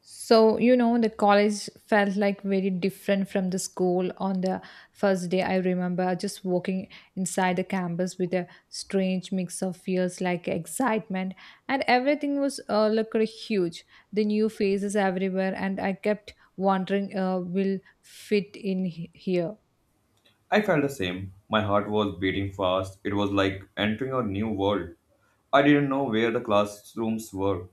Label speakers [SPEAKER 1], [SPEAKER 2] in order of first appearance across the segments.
[SPEAKER 1] So, the college felt like very different from the school on the first day. I remember just walking inside the campus with a strange mix of fears like excitement, and everything was looked really huge. The new faces everywhere, and I kept wondering, will fit in here?
[SPEAKER 2] I felt the same. My heart was beating fast. It was like entering a new world. I didn't know where the classrooms were.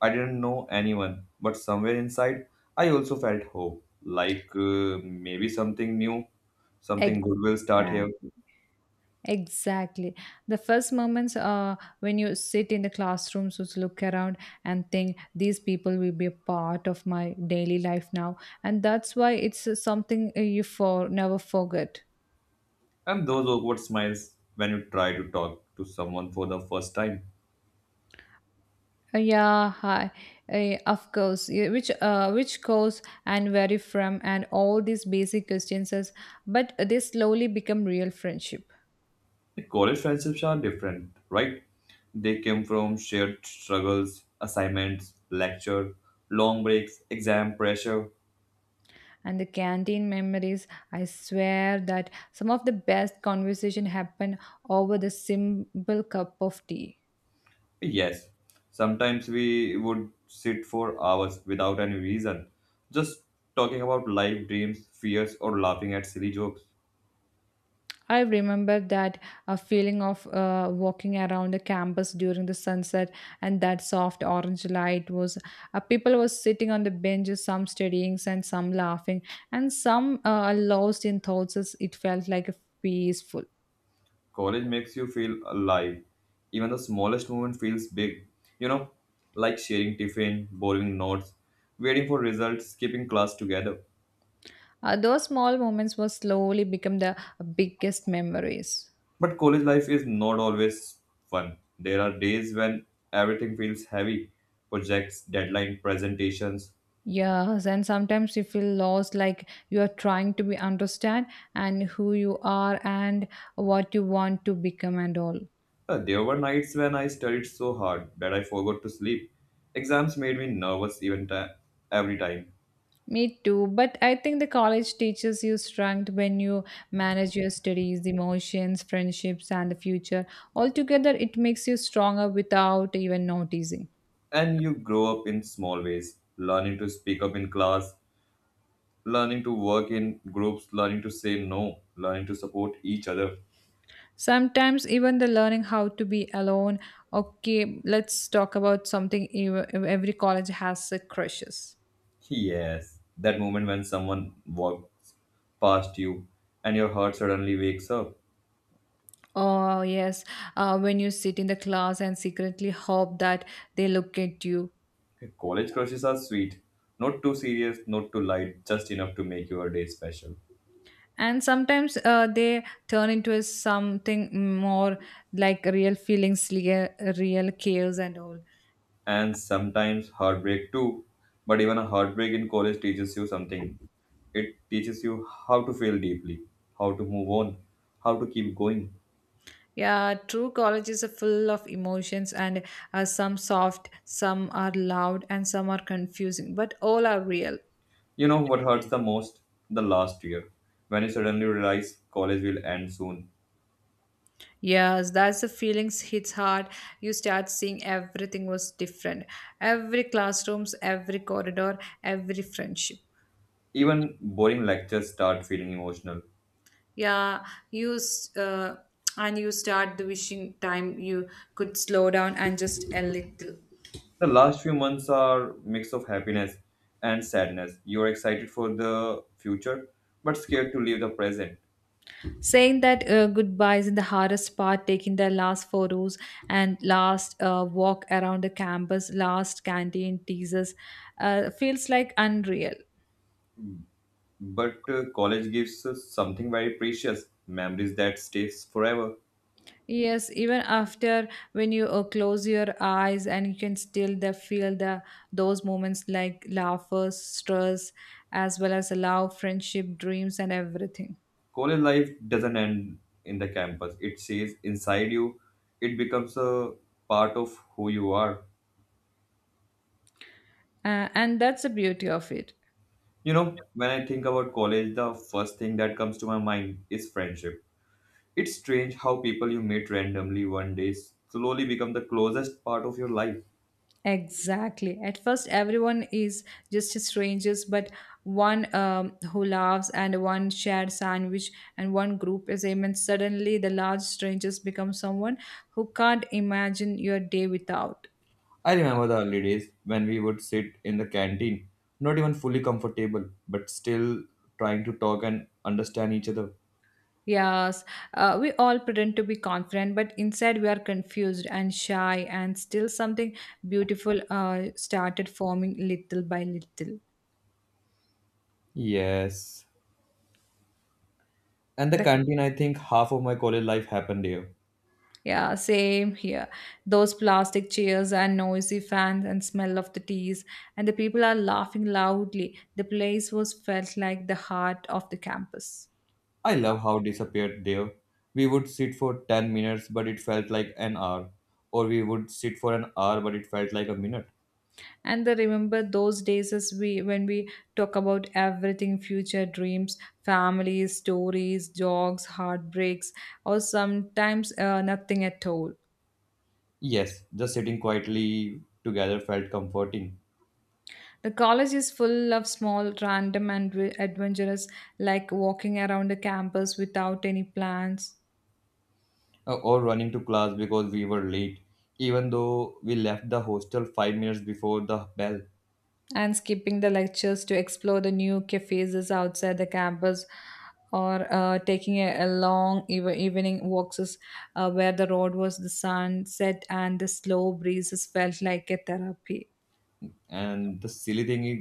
[SPEAKER 2] I didn't know anyone. But somewhere inside, I also felt hope. Like maybe something new, something good will start here.
[SPEAKER 1] Exactly. Exactly. The first moments when you sit in the classrooms, just look around and think these people will be a part of my daily life now. And that's why it's something you for never forget.
[SPEAKER 2] And those awkward smiles when you try to talk to someone for the first time.
[SPEAKER 1] Yeah, hi. Of course. Yeah, which course and where you from and all these basic questions, but they slowly become real friendship.
[SPEAKER 2] The college friendships are different, right? They came from shared struggles, assignments, lecture, long breaks, exam pressure.
[SPEAKER 1] And the canteen memories, I swear that some of the best conversation happen over the simple cup of tea.
[SPEAKER 2] Yes, sometimes we would sit for hours without any reason, just talking about life, dreams, fears, or laughing at silly jokes.
[SPEAKER 1] I remember that a feeling of walking around the campus during the sunset, and that soft orange light was people were sitting on the benches, some studying and some laughing, and some lost in thoughts. As It felt like a peaceful.
[SPEAKER 2] College makes you feel alive. Even the smallest moment feels big. You know, like sharing tiffin, borrowing notes, waiting for results, skipping class together.
[SPEAKER 1] Those small moments will slowly become the biggest memories.
[SPEAKER 2] But college life is not always fun. There are days when everything feels heavy projects, deadline presentations.
[SPEAKER 1] Yes, and sometimes you feel lost, like you are trying to be understand and who you are and what you want to become and all.
[SPEAKER 2] There were nights when I studied so hard that I forgot to sleep. Exams made me nervous even ti every time.
[SPEAKER 1] Me too, but I think the college teaches you strength when you manage your studies, emotions, friendships, and the future. Altogether, it makes you stronger without even noticing.
[SPEAKER 2] And you grow up in small ways, learning to speak up in class, learning to work in groups, learning to say no, learning to support each other.
[SPEAKER 1] Sometimes, even the learning how to be alone. Okay, let's talk about something every college has crushes.
[SPEAKER 2] Yes, that moment when someone walks past you and your heart suddenly wakes up.
[SPEAKER 1] Oh, yes. When you sit in the class and secretly hope that they look at you.
[SPEAKER 2] College crushes are sweet, not too serious, not too light, just enough to make your day special.
[SPEAKER 1] And sometimes they turn into a something more like real feelings, real cares, and all.
[SPEAKER 2] And sometimes heartbreak too. But even a heartbreak in college teaches you something. It teaches you how to feel deeply, how to move on, how to keep going.
[SPEAKER 1] Yeah, true college is full of emotions, and some soft, some are loud, and some are confusing, but all are real.
[SPEAKER 2] You know what hurts the most? The last year, when you suddenly realize college will end soon.
[SPEAKER 1] Yes, that's the feelings hits hard. You start seeing everything was different. Every classrooms, every corridor, every friendship.
[SPEAKER 2] Even boring lectures start feeling emotional.
[SPEAKER 1] Yeah, you s- uh, and you start the wishing time you could slow down and just a little.
[SPEAKER 2] The last few months are mix of happiness and sadness. You are excited for the future, but scared to leave the present.
[SPEAKER 1] Saying that goodbye is the hardest part, taking the last photos and last walk around the campus, last canteen teasers, feels like unreal.
[SPEAKER 2] But college gives us something very precious memories that stays forever.
[SPEAKER 1] Yes, even after when you close your eyes and you can still feel the those moments like laughter, stress, as well as love, friendship, dreams, and everything.
[SPEAKER 2] College life doesn't end in the campus, it stays inside you. It becomes a part of who you are.
[SPEAKER 1] And that's the beauty of it.
[SPEAKER 2] You know, when I think about college, the first thing that comes to my mind is friendship. It's strange how people you meet randomly one day slowly become the closest part of your life.
[SPEAKER 1] Exactly. At first, everyone is just strangers, but one who laughs and one shared sandwich and one group assignment. Suddenly, the large strangers become someone who can't imagine your day without.
[SPEAKER 2] I remember the early days when we would sit in the canteen, not even fully comfortable, but still trying to talk and understand each other.
[SPEAKER 1] Yes, we all pretend to be confident, but inside we are confused and shy, and still something beautiful started forming little by little.
[SPEAKER 2] Yes. And the
[SPEAKER 1] The
[SPEAKER 2] canteen, I think half of my college life happened there.
[SPEAKER 1] Yeah, same here. Those plastic chairs and noisy fans and smell of the teas, and the people are laughing loudly. The place was felt like the heart of the campus.
[SPEAKER 2] I love how it disappeared there. We would sit for 10 minutes, but it felt like an hour. Or we would sit for an hour, but it felt like a minute.
[SPEAKER 1] And I remember those days as we when we talk about everything future dreams, families, stories, jogs, heartbreaks, or sometimes nothing at all.
[SPEAKER 2] Yes, just sitting quietly together felt comforting.
[SPEAKER 1] The college is full of small, random, and adventurous, like walking around the campus without any plans,
[SPEAKER 2] Uh, or running to class because we were late, even though we left the hostel five minutes before the bell.
[SPEAKER 1] and skipping the lectures to explore the new cafes outside the campus, or taking a long evening walks where the road was the sunset and the slow breezes felt like a therapy.
[SPEAKER 2] And the silly thing is,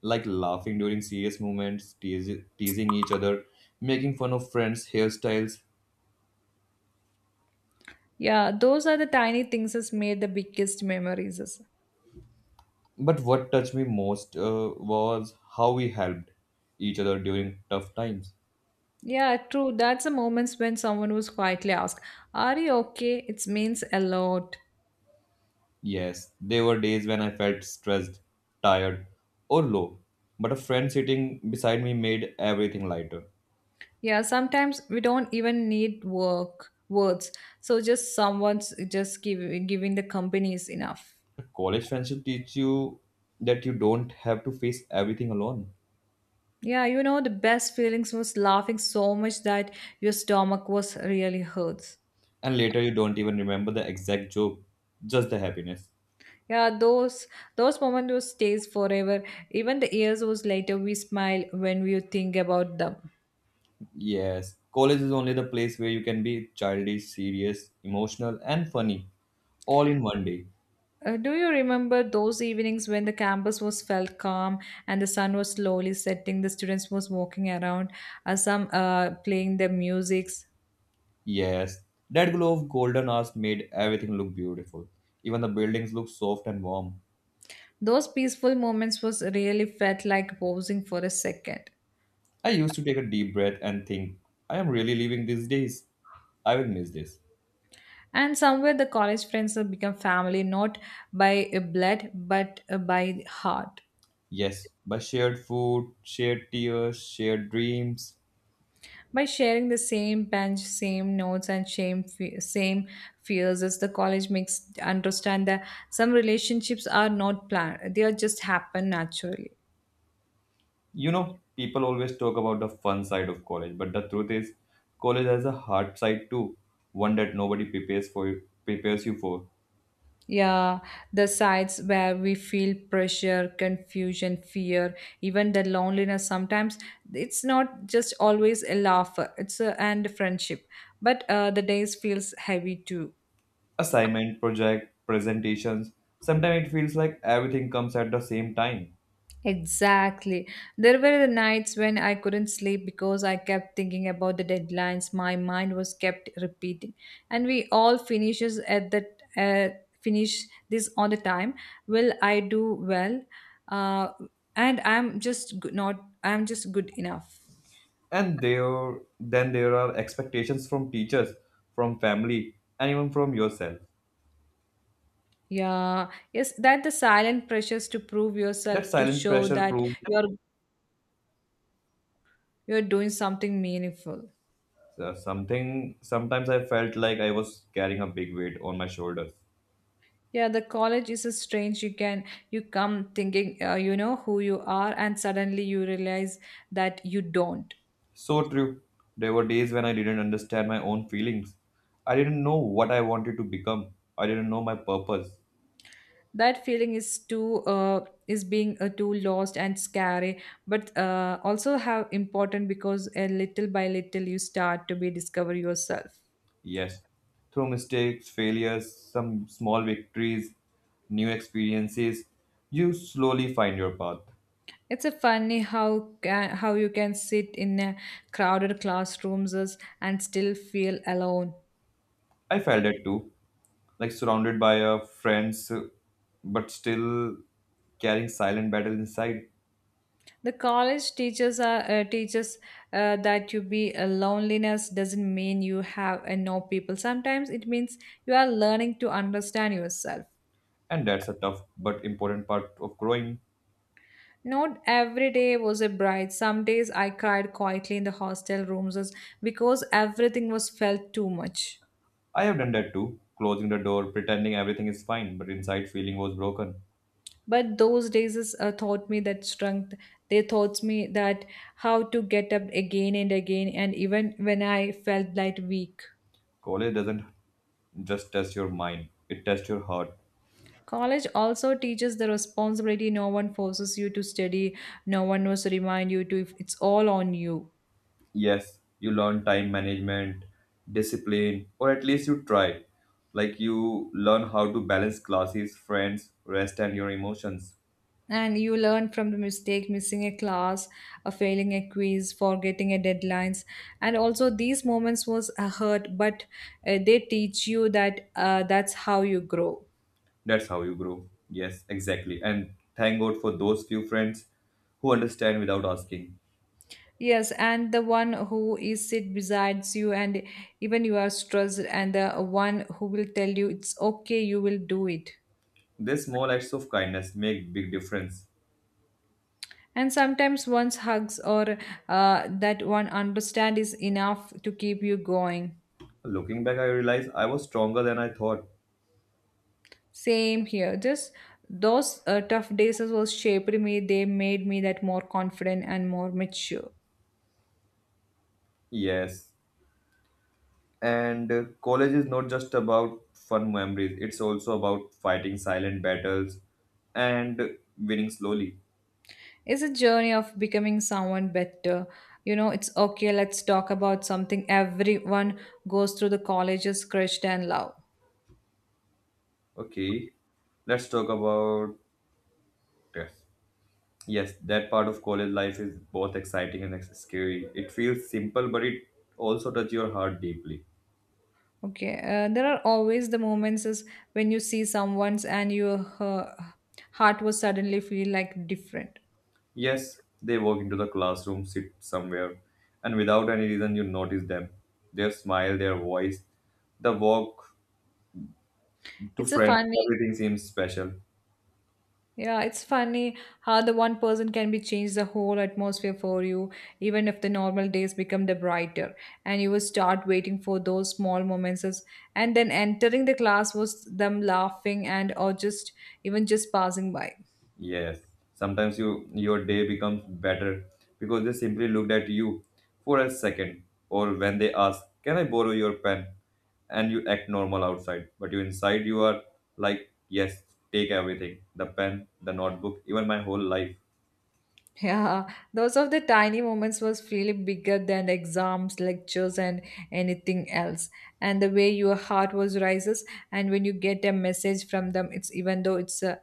[SPEAKER 2] like laughing during serious moments, teasing each other, making fun of friends' hairstyles.
[SPEAKER 1] Yeah, those are the tiny things that made the biggest memories.
[SPEAKER 2] But what touched me most was how we helped each other during tough times.
[SPEAKER 1] Yeah, true, that's the moments when someone was quietly asked are you okay, it means a lot.
[SPEAKER 2] Yes, there were days when I felt stressed, tired, or low, but a friend sitting beside me made everything lighter.
[SPEAKER 1] Yeah, sometimes we don't even need work words. So just someone's just giving the company is enough.
[SPEAKER 2] College friendship teach you that you don't have to face everything alone.
[SPEAKER 1] Yeah, you know the best feelings was laughing so much that your stomach was really hurts.
[SPEAKER 2] And later you don't even remember the exact joke, just the happiness.
[SPEAKER 1] Yeah, those moments will stays forever. Even the years was later we smile when we think about them.
[SPEAKER 2] Yes, college is only the place where you can be childish, serious, emotional, and funny all in one day.
[SPEAKER 1] Do you remember those evenings when the campus was felt calm and the sun was slowly setting? The students was walking around, some playing their musics.
[SPEAKER 2] Yes, that glow of golden hours made everything look beautiful. Even the buildings look soft and warm.
[SPEAKER 1] Those peaceful moments was really felt like pausing for a second.
[SPEAKER 2] I used to take a deep breath and think, I am really living these days. I will miss this.
[SPEAKER 1] And somewhere the college friends have become family, not by blood, but by heart.
[SPEAKER 2] Yes, by shared food, shared tears, shared dreams.
[SPEAKER 1] By sharing the same bench, same notes, and same fears, as the college makes understand that some relationships are not planned; they are just happen naturally.
[SPEAKER 2] You know, people always talk about the fun side of college, but the truth is, college has a hard side too, one that nobody prepares for prepares you for.
[SPEAKER 1] Yeah, the sides where we feel pressure, confusion, fear, even the loneliness sometimes, it's not just always a laugh, it's a and friendship. But the days feels heavy too.
[SPEAKER 2] Assignment, project, presentations. Sometimes it feels like everything comes at the same time.
[SPEAKER 1] Exactly. There were the nights when I couldn't sleep because I kept thinking about the deadlines, my mind was kept repeating. And we all finishes at the uh, finish this on the time. Will I do well? Uh, and I'm just good, not I'm just good enough.
[SPEAKER 2] And there then there are expectations from teachers, from family, and even from yourself.
[SPEAKER 1] Yeah. Yes, that the silent pressures to prove yourself,
[SPEAKER 2] That
[SPEAKER 1] to
[SPEAKER 2] silent
[SPEAKER 1] show
[SPEAKER 2] pressure
[SPEAKER 1] that
[SPEAKER 2] proves.
[SPEAKER 1] you're doing something meaningful.
[SPEAKER 2] So something sometimes I felt like I was carrying a big weight on my shoulders.
[SPEAKER 1] Yeah, the college is a strange. You come thinking you know who you are, and suddenly you realize that you don't.
[SPEAKER 2] So true. There were days when I didn't understand my own feelings. I didn't know what I wanted to become. I didn't know my purpose.
[SPEAKER 1] That feeling is too is being too lost and scary, but also how important, because a little by little you start to be discover yourself.
[SPEAKER 2] Yes. Through mistakes, failures, some small victories, new experiences, you slowly find your path.
[SPEAKER 1] It's a funny how you can sit in a crowded classrooms and still feel alone.
[SPEAKER 2] I felt that too, like surrounded by friends, but still carrying silent battle inside.
[SPEAKER 1] The college teachers are teaches that you be a loneliness doesn't mean you have and no people. Sometimes it means you are learning to understand yourself.
[SPEAKER 2] And that's a tough but important part of growing.
[SPEAKER 1] Not every day was a bright. Some days I cried quietly in the hostel rooms because everything was felt too much.
[SPEAKER 2] I have done that too, closing the door, pretending everything is fine, but inside feeling was broken.
[SPEAKER 1] But those days taught me that strength. They taught me that how to get up again and again, and even when I felt like weak.
[SPEAKER 2] College doesn't just test your mind, it tests your heart.
[SPEAKER 1] College also teaches the responsibility. No one forces you to study, no one was to remind you to, if it's all on you.
[SPEAKER 2] Yes, you learn time management, discipline, or at least you try. Like you learn how to balance classes, friends, rest, and your emotions.
[SPEAKER 1] And you learn from the mistake, missing a class, a failing a quiz, forgetting a deadlines, and also these moments was a hurt, but they teach you that that's how you grow.
[SPEAKER 2] That's how you grow. Yes, exactly. And thank God for those few friends who understand without asking.
[SPEAKER 1] Yes, and the one who is sit besides you, and even you are stressed, and the one who will tell you it's okay, you will do it.
[SPEAKER 2] These small acts of kindness make big difference.
[SPEAKER 1] And sometimes one's hugs or that one understand is enough to keep you going.
[SPEAKER 2] Looking back, I realized I was stronger than I thought.
[SPEAKER 1] Same here, just those tough days as well shaped me, they made me that more confident and more mature.
[SPEAKER 2] Yes, and college is not just about fun memories, it's also about fighting silent battles and winning slowly.
[SPEAKER 1] It's a journey of becoming someone better. You know, it's okay, let's talk about something everyone goes through, the colleges crushed and love.
[SPEAKER 2] Okay, let's talk about yes. Yes, that part of college life is both exciting and scary. It feels simple, but it also touches your heart deeply.
[SPEAKER 1] Okay, there are always the moments is when you see someone's and your heart was suddenly feel like different.
[SPEAKER 2] Yes, they walk into the classroom, sit somewhere, and without any reason, you notice them. Their smile, their voice, the walk to
[SPEAKER 1] It's a
[SPEAKER 2] friends,
[SPEAKER 1] funny,
[SPEAKER 2] everything seems special.
[SPEAKER 1] yeah, it's funny how the one person can be change the whole atmosphere for you, even if the normal days become the brighter, and you will start waiting for those small moments, and then entering the class was them laughing and or just even just passing by.
[SPEAKER 2] Yes, sometimes you your day becomes better because they simply looked at you for a second, or when they ask, "Can I borrow your pen?" and you act normal outside, but you inside you are like, "Yes, take everything, the pen, the notebook, even my whole life."
[SPEAKER 1] Yeah, those of the tiny moments was really bigger than exams, lectures, and anything else. And the way your heart was rises, and when you get a message from them, it's even though it's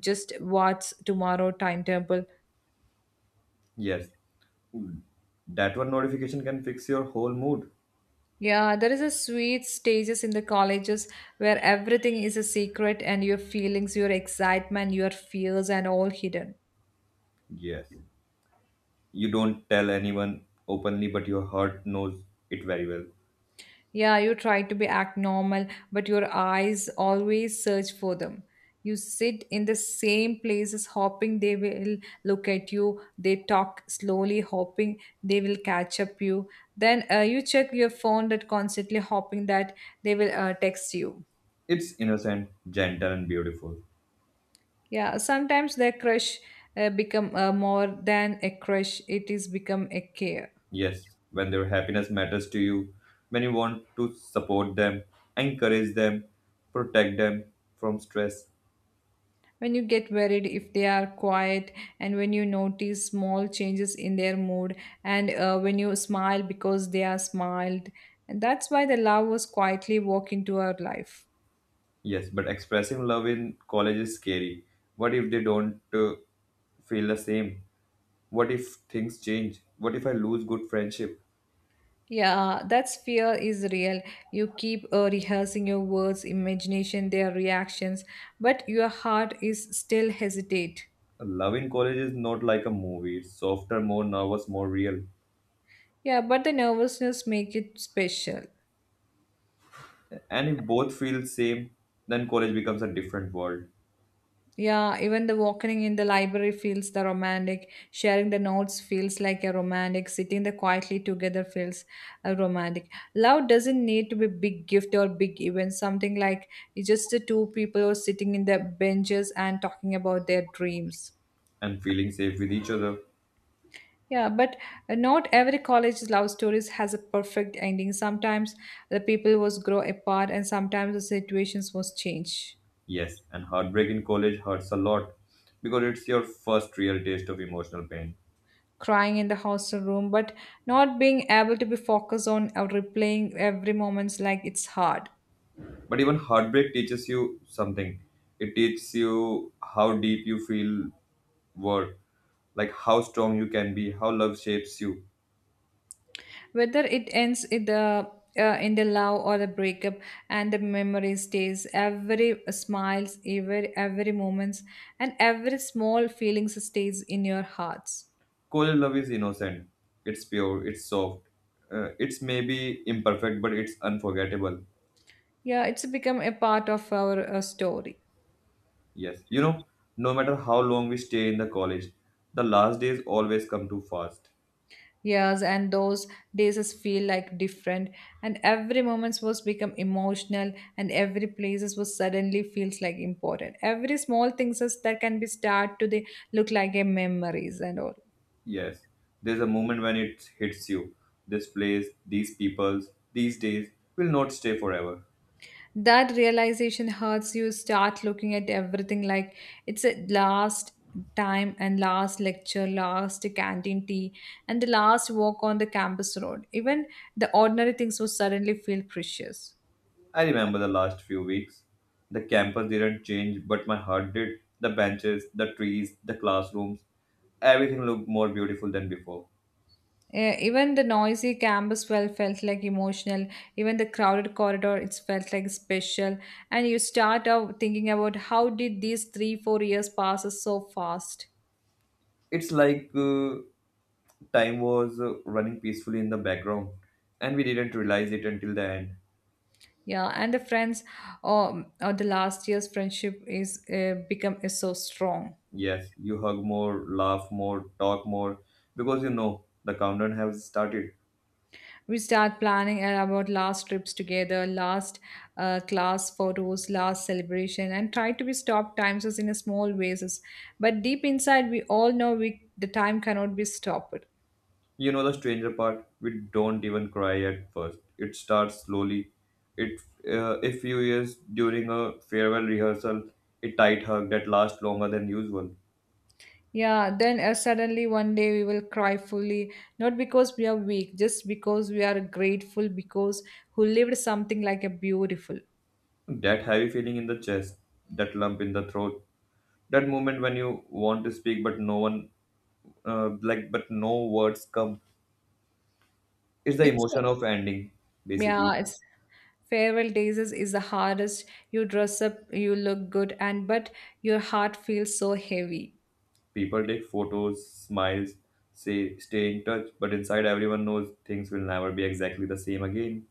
[SPEAKER 1] just what's tomorrow timetable.
[SPEAKER 2] Yes, that one notification can fix your whole mood.
[SPEAKER 1] Yeah, there is a sweet stages in the colleges where everything is a secret, and your feelings, your excitement, your fears, and all hidden.
[SPEAKER 2] Yes, you don't tell anyone openly, but your heart knows it very well.
[SPEAKER 1] Yeah, you try to be act normal, but your eyes always search for them. You sit in the same places, hoping they will look at you. They talk slowly, hoping they will catch up you. Then you check your phone, that constantly hoping that they will text you.
[SPEAKER 2] It's innocent, gentle, and beautiful.
[SPEAKER 1] Yeah, sometimes their crush become more than a crush. It is become a care.
[SPEAKER 2] Yes, when their happiness matters to you, when you want to support them, encourage them, protect them from stress.
[SPEAKER 1] When you get worried if they are quiet, and when you notice small changes in their mood, and when you smile because they are smiled, and that's why the love was quietly walk into our life.
[SPEAKER 2] Yes, but expressing love in college is scary. What if they don't feel the same? What if things change? What if I lose good friendship?
[SPEAKER 1] Yeah, that's fear is real, you keep rehearsing your words, imagination their reactions, but your heart is still hesitate.
[SPEAKER 2] Love in college is not like a movie. It's softer, more nervous, more real.
[SPEAKER 1] Yeah, but the nervousness make it special.
[SPEAKER 2] And if both feel same, then college becomes a different world.
[SPEAKER 1] Yeah, even the walking in the library feels the romantic. Sharing the notes feels like a romantic. Sitting the quietly together feels a romantic. Love doesn't need to be big gift or big event. Something like it's just the two people sitting in the benches and talking about their dreams.
[SPEAKER 2] And feeling safe with each other.
[SPEAKER 1] Yeah, but not every college love stories has a perfect ending. Sometimes the people was grow apart, and sometimes the situations was change.
[SPEAKER 2] Yes, and heartbreak in college hurts a lot because it's your first real taste of emotional pain.
[SPEAKER 1] Crying in the hostel room, but not being able to be focused on or replaying every moments like it's hard.
[SPEAKER 2] But even heartbreak teaches you something. It teaches you how deep you feel were, like how strong you can be, how love shapes you.
[SPEAKER 1] Whether it ends in the love or the breakup, and the memory stays. Every smiles, every moments, and every small feelings stays in your hearts.
[SPEAKER 2] College love is innocent, it's pure, it's soft, it's maybe imperfect, but it's unforgettable.
[SPEAKER 1] Yeah, it's become a part of our story.
[SPEAKER 2] Yes, you know, no matter how long we stay in the college, the last days always come too fast.
[SPEAKER 1] Years and those days is feel like different, and every moments was become emotional, and every places was suddenly feels like important. Every small things is, that can be start to the look like a memories and all.
[SPEAKER 2] Yes, there's a moment when it hits you. This place, these peoples, these days will not stay forever.
[SPEAKER 1] That realization hurts. You start looking at everything like it's a last time, and last lecture, last canteen tea, and the last walk on the campus road. Even the ordinary things will suddenly feel precious.
[SPEAKER 2] I remember the last few weeks. The campus didn't change, but my heart did. The benches, the trees, the classrooms, everything looked more beautiful than before.
[SPEAKER 1] Even the noisy campus well felt like emotional. Even the crowded corridor, it felt like special. And you start out thinking about how did these 3, 4 years passes so fast.
[SPEAKER 2] It's like time was running peacefully in the background, and we didn't realize it until the end.
[SPEAKER 1] Yeah, and the friends or the last year's friendship is become is so strong.
[SPEAKER 2] Yes, you hug more, laugh more, talk more, because you know the countdown has started.
[SPEAKER 1] We start planning about last trips together, last class photos, last celebration, and try to be stop times us in a small ways. But deep inside, we all know we the time cannot be stopped.
[SPEAKER 2] You know the stranger part? We don't even cry at first. It starts slowly. It a few years during a farewell rehearsal, a tight hug that lasts longer than usual.
[SPEAKER 1] Yeah, then suddenly one day we will cry fully, not because we are weak, just because we are grateful because who lived something like a beautiful.
[SPEAKER 2] That heavy feeling in the chest, that lump in the throat, that moment when you want to speak but no one, but no words come. It's the
[SPEAKER 1] It's
[SPEAKER 2] emotion of ending, basically.
[SPEAKER 1] Yeah, it's farewell days is the hardest. You dress up, you look good, and but your heart feels so heavy.
[SPEAKER 2] People take photos, smiles, say stay in touch, but inside everyone knows things will never be exactly the same again.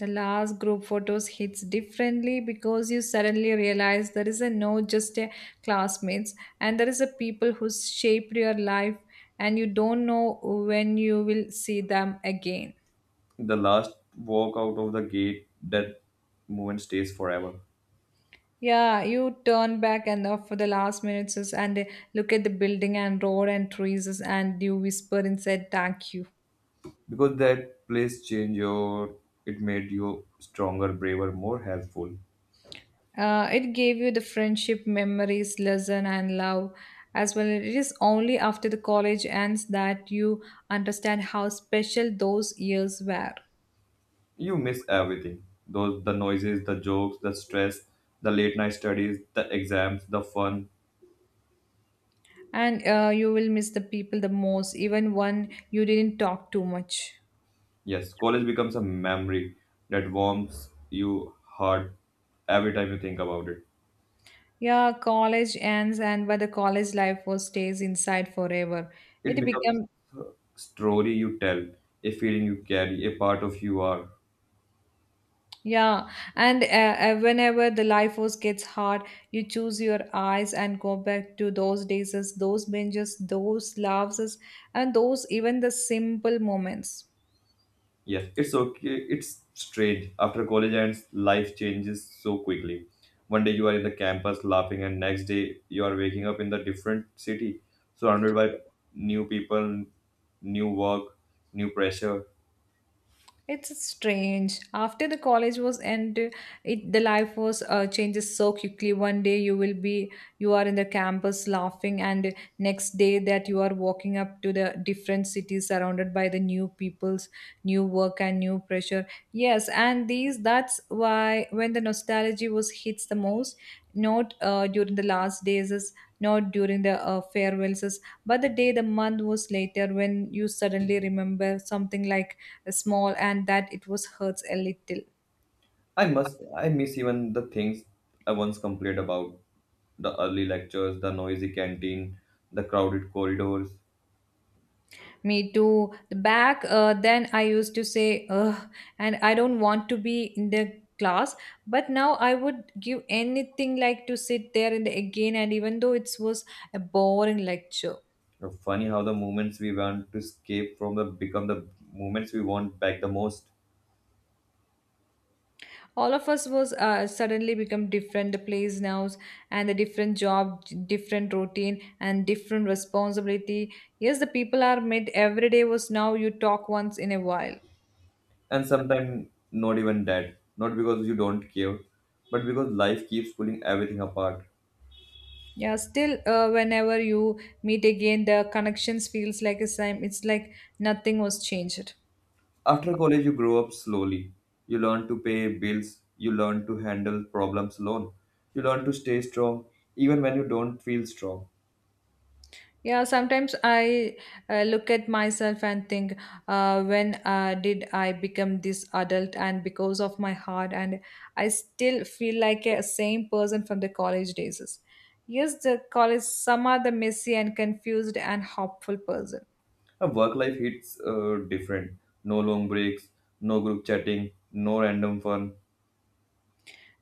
[SPEAKER 1] The last group photos hits differently because you suddenly realize there is a no just a classmates, and there is a people who shaped your life, and you don't know when you will see them again.
[SPEAKER 2] The last walk out of the gate, that moment stays forever
[SPEAKER 1] Yeah, you turn back and off for the last minutes and look at the building and road and trees and you whisper and said thank you.
[SPEAKER 2] because that place changed your, it made you stronger, braver, more helpful.
[SPEAKER 1] It gave you the friendship, memories, lesson, and love as well. It is only after the college ends that you understand how special those years were.
[SPEAKER 2] You miss everything, those the noises, the jokes, the stress, the late night studies, the exams, the fun.
[SPEAKER 1] And you will miss the people the most, even when you didn't talk too much.
[SPEAKER 2] Yes, college becomes a memory that warms you heart every time you think about it.
[SPEAKER 1] Yeah, college ends, and but the college life was stays inside forever. It
[SPEAKER 2] It becomes
[SPEAKER 1] became.
[SPEAKER 2] a story you tell, a feeling you carry, a part of you are.
[SPEAKER 1] Yeah, and whenever the life was gets hard, you choose your eyes and go back to those days, as those benches, those laughs, and those even the simple moments.
[SPEAKER 2] Yes, it's okay. It's strange. After college ends, life changes so quickly. One day you are in the campus laughing, and next day you are waking up in the different city, surrounded by new people, new work, new pressure.
[SPEAKER 1] It's strange. After the college was end, it the life was changes so quickly. One day you will be you are in the campus laughing, and next day that you are walking up to the different cities surrounded by the new peoples, new work and new pressure. Yes, and these that's why when the nostalgia was hits the most, not during the last days is not during the farewells is, but the day the month was later when you suddenly remember something like small, and that it was hurts a little.
[SPEAKER 2] I must. I miss even the things I once complained about: the early lectures, the noisy canteen, the crowded corridors.
[SPEAKER 1] Me too. The back then I used to say, ugh, and I don't want to be in the class, but now I would give anything like to sit there in the again, and even though it was a boring lecture.
[SPEAKER 2] Funny how the moments we want to escape from the become the moments we want back the most.
[SPEAKER 1] All of us was suddenly become different the place now, and the different job, different routine, and different responsibility. Yes, the people are met every day was now you talk once in a while.
[SPEAKER 2] And sometimes not even dead, not because you don't care, but because life keeps pulling everything apart.
[SPEAKER 1] Yeah, still, whenever you meet again, the connections feels like a same. It's like nothing was changed.
[SPEAKER 2] After college, you grow up slowly. You learn to pay bills, you learn to handle problems alone, you learn to stay strong even when you don't feel strong.
[SPEAKER 1] Yeah, sometimes I look at myself and think, when did I become this adult? And because of my heart, and I still feel like a same person from the college days. Yes, the college. Some are the messy and confused and hopeful person.
[SPEAKER 2] A work life hits different. No long breaks, no group chatting, no random fun.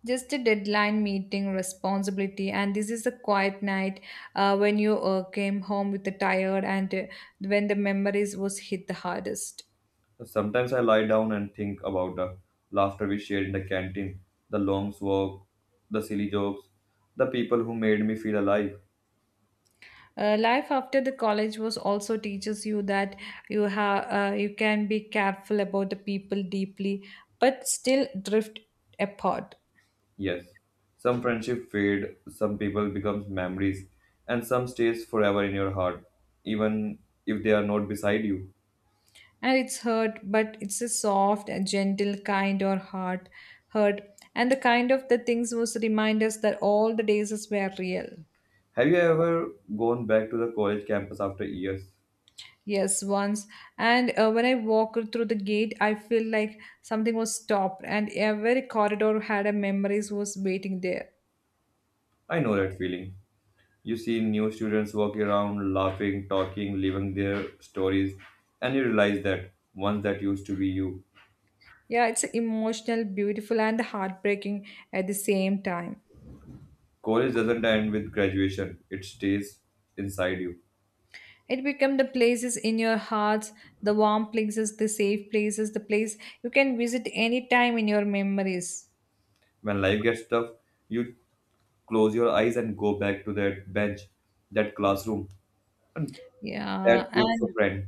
[SPEAKER 1] Just a deadline meeting responsibility, and this is a quiet night when you came home with the tired, and when the memories was hit the hardest.
[SPEAKER 2] Sometimes I lie down and think about the laughter we shared in the canteen, the long walk, the silly jokes, the people who made me feel alive.
[SPEAKER 1] Life after the college was also teaches you that you can be careful about the people deeply but still drift apart.
[SPEAKER 2] Yes, some friendship fade, some people becomes memories, and some stays forever in your heart, even if they are not beside you.
[SPEAKER 1] And it's hurt, but it's a soft and gentle kind or heart hurt, and the kind of the things was remind us that all the days is were real.
[SPEAKER 2] Have you ever gone back to the college campus after years?
[SPEAKER 1] Yes, once. And when I walk through the gate, I feel like something was stopped, and every corridor had a memories was waiting there.
[SPEAKER 2] I know that feeling. You see new students walking around, laughing, talking, living their stories, and you realize that once that used to be you.
[SPEAKER 1] Yeah, it's emotional, beautiful, and heartbreaking at the same time.
[SPEAKER 2] College doesn't end with graduation, it stays inside you.
[SPEAKER 1] It become the places in your hearts, the warm places, the safe places, the place you can visit anytime in your memories.
[SPEAKER 2] When life gets tough, you close your eyes and go back to that bench, that classroom, that
[SPEAKER 1] Yeah,
[SPEAKER 2] group of
[SPEAKER 1] and
[SPEAKER 2] friends.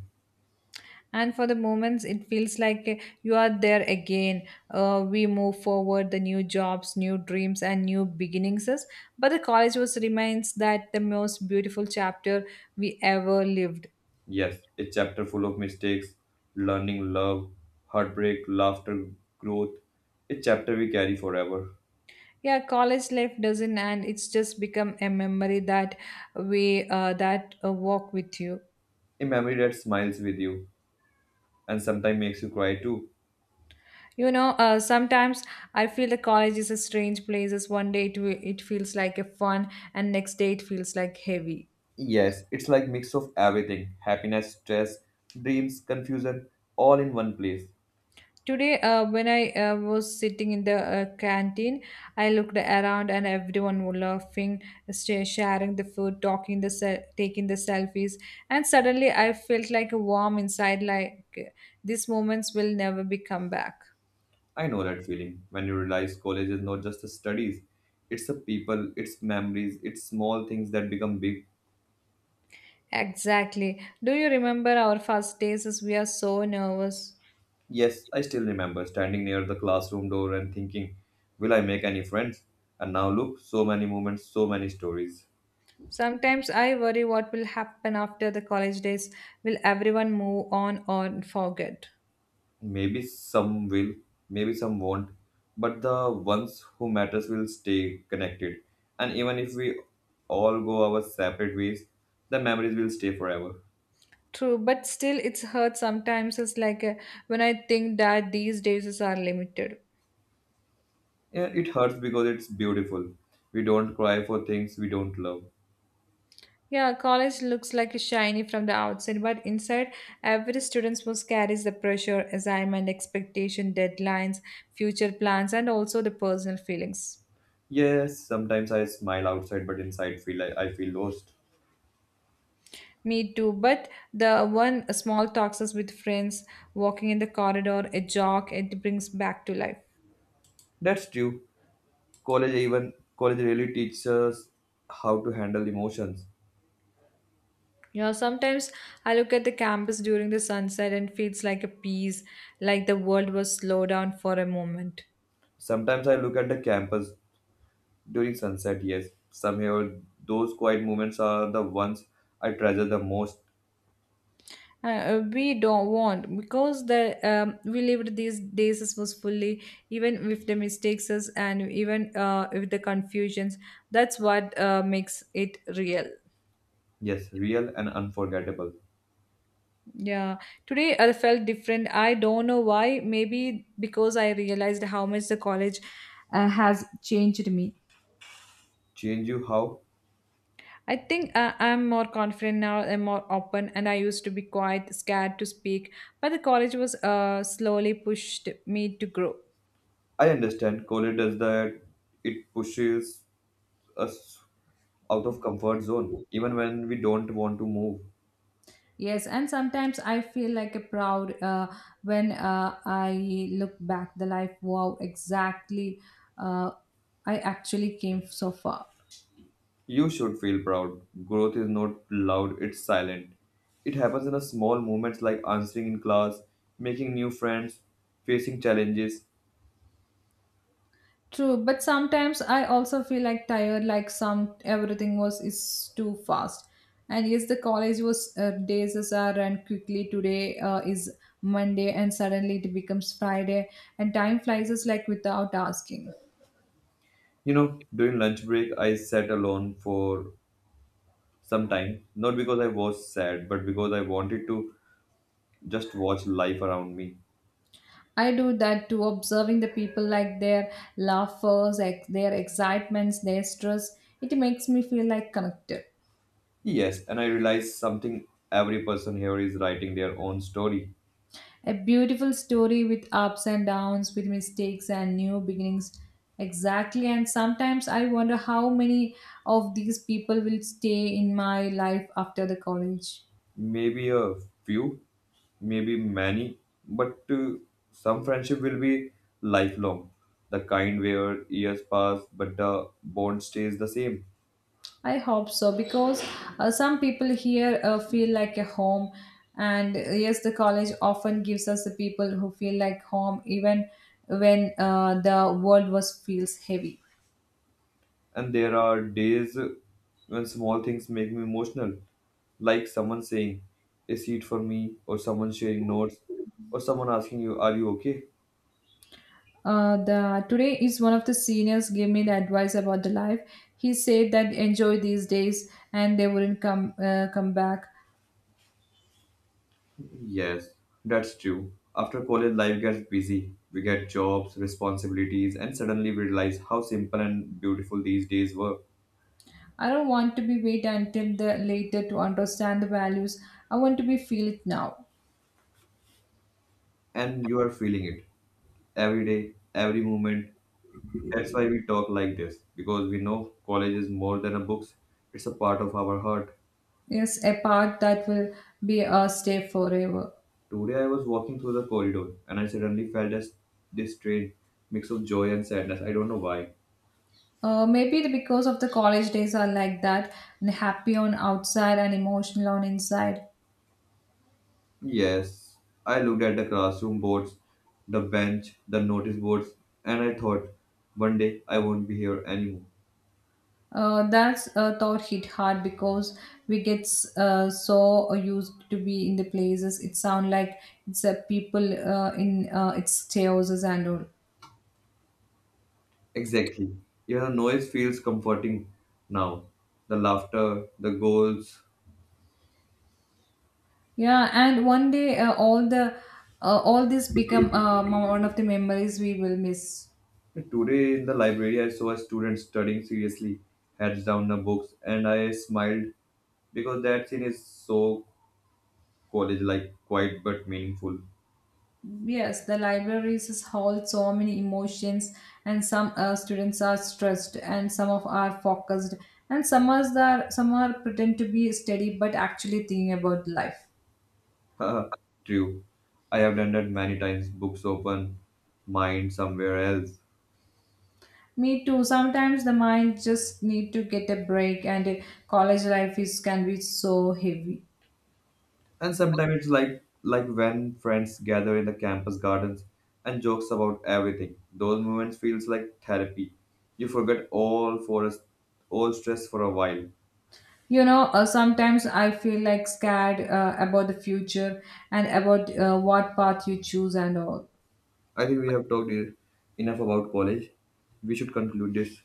[SPEAKER 1] and for the moments it feels like you are there again. We move forward the new jobs, new dreams, and new beginnings but the college was reminds that the most beautiful chapter we ever lived.
[SPEAKER 2] Yes, a chapter full of mistakes, learning, love, heartbreak, laughter, growth. A chapter we carry forever.
[SPEAKER 1] Yeah, college life doesn't, and it's just become a memory that we that walk with you.
[SPEAKER 2] A memory that smiles with you and sometimes makes you cry too.
[SPEAKER 1] You know uh, sometimes I feel the college is a strange place. As one day it feels like a fun, and next day it feels like heavy.
[SPEAKER 2] Yes, it's like mix of everything happiness, stress, dreams, confusion, all in one place.
[SPEAKER 1] Today, when I was sitting in the canteen, I looked around and everyone was laughing, sharing the food, taking the selfies, and suddenly I felt like a warm inside, like these moments will never be come back.
[SPEAKER 2] I know that feeling when you realize college is not just the studies, it's the people, it's memories, it's small things that become big.
[SPEAKER 1] Exactly. Do you remember our first days? As we are so nervous.
[SPEAKER 2] Yes, I still remember standing near the classroom door and thinking, will I make any friends? And now look, so many moments, so many stories.
[SPEAKER 1] Sometimes I worry what will happen after the college days. Will everyone move on or forget?
[SPEAKER 2] Maybe some will, maybe some won't, but the ones who matters will stay connected. And even if we all go our separate ways, the memories will stay forever.
[SPEAKER 1] True, but still it's hurt sometimes. It's like when I think that these days are limited.
[SPEAKER 2] Yeah, it hurts because it's beautiful. We don't cry for things we don't love.
[SPEAKER 1] Yeah, college looks like shiny from the outside, but inside, every student must carries the pressure, assignment, expectation, deadlines, future plans, and also the personal feelings.
[SPEAKER 2] Yes, sometimes I smile outside, but inside feel I feel lost.
[SPEAKER 1] Me too, but the one small talks us with friends, walking in the corridor, a jog, it brings back to life.
[SPEAKER 2] That's true. College even college really teaches us how to handle emotions.
[SPEAKER 1] Sometimes I look at the campus during the sunset and feels like a piece, like the world was slowed down for a moment.
[SPEAKER 2] Sometimes I look at the campus during sunset. Yes, somehow those quiet moments are the ones I treasure the most.
[SPEAKER 1] We don't want because the we lived these days as was fully even with the mistakes us and even with the confusions. That's what makes it real.
[SPEAKER 2] Yes, real and unforgettable.
[SPEAKER 1] Yeah, today I felt different. I don't know why. Maybe because I realized how much the college has changed me.
[SPEAKER 2] Change you how?
[SPEAKER 1] I think I'm more confident now, I'm more open, and I used to be quite scared to speak, but the college was slowly pushed me to grow.
[SPEAKER 2] I understand college does that. It pushes us out of comfort zone even when we don't want to move.
[SPEAKER 1] Yes, and sometimes I feel like a proud when I look back the life. Wow, exactly, uh, I actually came so far.
[SPEAKER 2] You should feel proud. Growth is not loud, it's silent. It happens in a small moments like answering in class, making new friends, facing challenges.
[SPEAKER 1] True, but sometimes I also feel like tired, like some everything was is too fast. And yes, the college was days as I ran quickly. Today is Monday, and suddenly it becomes Friday, and time flies us like without asking.
[SPEAKER 2] You know, during lunch break I sat alone for some time, not because I was sad but because I wanted to just watch life around me.
[SPEAKER 1] I do that too, observing the people like their laughers, their excitements, their stress. It makes me feel like connected.
[SPEAKER 2] Yes, and I realized something, every person here is writing their own story.
[SPEAKER 1] A beautiful story with ups and downs, with mistakes and new beginnings. Exactly. And sometimes I wonder how many of these people will stay in my life after the college.
[SPEAKER 2] Maybe a few, maybe many, but some friendship will be lifelong. The kind where years pass, but the bond stays the same.
[SPEAKER 1] I hope so because some people here feel like a home. And yes, the college often gives us the people who feel like home even when the world was feels heavy.
[SPEAKER 2] And there are days when small things make me emotional, like someone saying a seat for me, or someone sharing notes, or someone asking you, are you okay?
[SPEAKER 1] The today is one of the seniors gave me the advice about the life. He said that enjoy these days, and they wouldn't come back.
[SPEAKER 2] Yes, that's true. After college, life gets busy. We get jobs, responsibilities, and suddenly we realize how simple and beautiful these days were.
[SPEAKER 1] I don't want to be wait until the later to understand the values. I want to be feel it now.
[SPEAKER 2] And you are feeling it every day, every moment. That's why we talk like this, because we know college is more than a books, it's a part of our heart.
[SPEAKER 1] Yes, a part that will be a stay forever.
[SPEAKER 2] Today I was walking through the corridor and I suddenly felt as this strange mix of joy and sadness. I don't know why.
[SPEAKER 1] Maybe because of the college days are like that, and happy on outside and emotional on inside.
[SPEAKER 2] Yes, I looked at the classroom boards, the bench, the notice boards, and I thought, one day I won't be here anymore.
[SPEAKER 1] That's a thought hit hard because we get so used to be in the places. It sound like it's a people in its chaoses and all.
[SPEAKER 2] Exactly. Even the noise feels comforting now. The laughter, the goals.
[SPEAKER 1] Yeah, and one day all this become one of the memories we will miss.
[SPEAKER 2] Today in the library, I saw a student studying seriously, heads down the books, and I smiled because that scene is so college like, quiet but meaningful.
[SPEAKER 1] Yes, the libraries hold so many emotions, and some students are stressed, and some of are focused, and some are pretend to be steady but actually thinking about life.
[SPEAKER 2] Haha, true. I have done that many times. Books open, mind somewhere else.
[SPEAKER 1] Me too. Sometimes the mind just need to get a break, and college life is can be so heavy.
[SPEAKER 2] And sometimes it's like when friends gather in the campus gardens and jokes about everything. Those moments feels like therapy. You forget all for all stress for a while.
[SPEAKER 1] Sometimes I feel like scared about the future and about what path you choose and all.
[SPEAKER 2] I think we have talked enough about college. We should conclude this.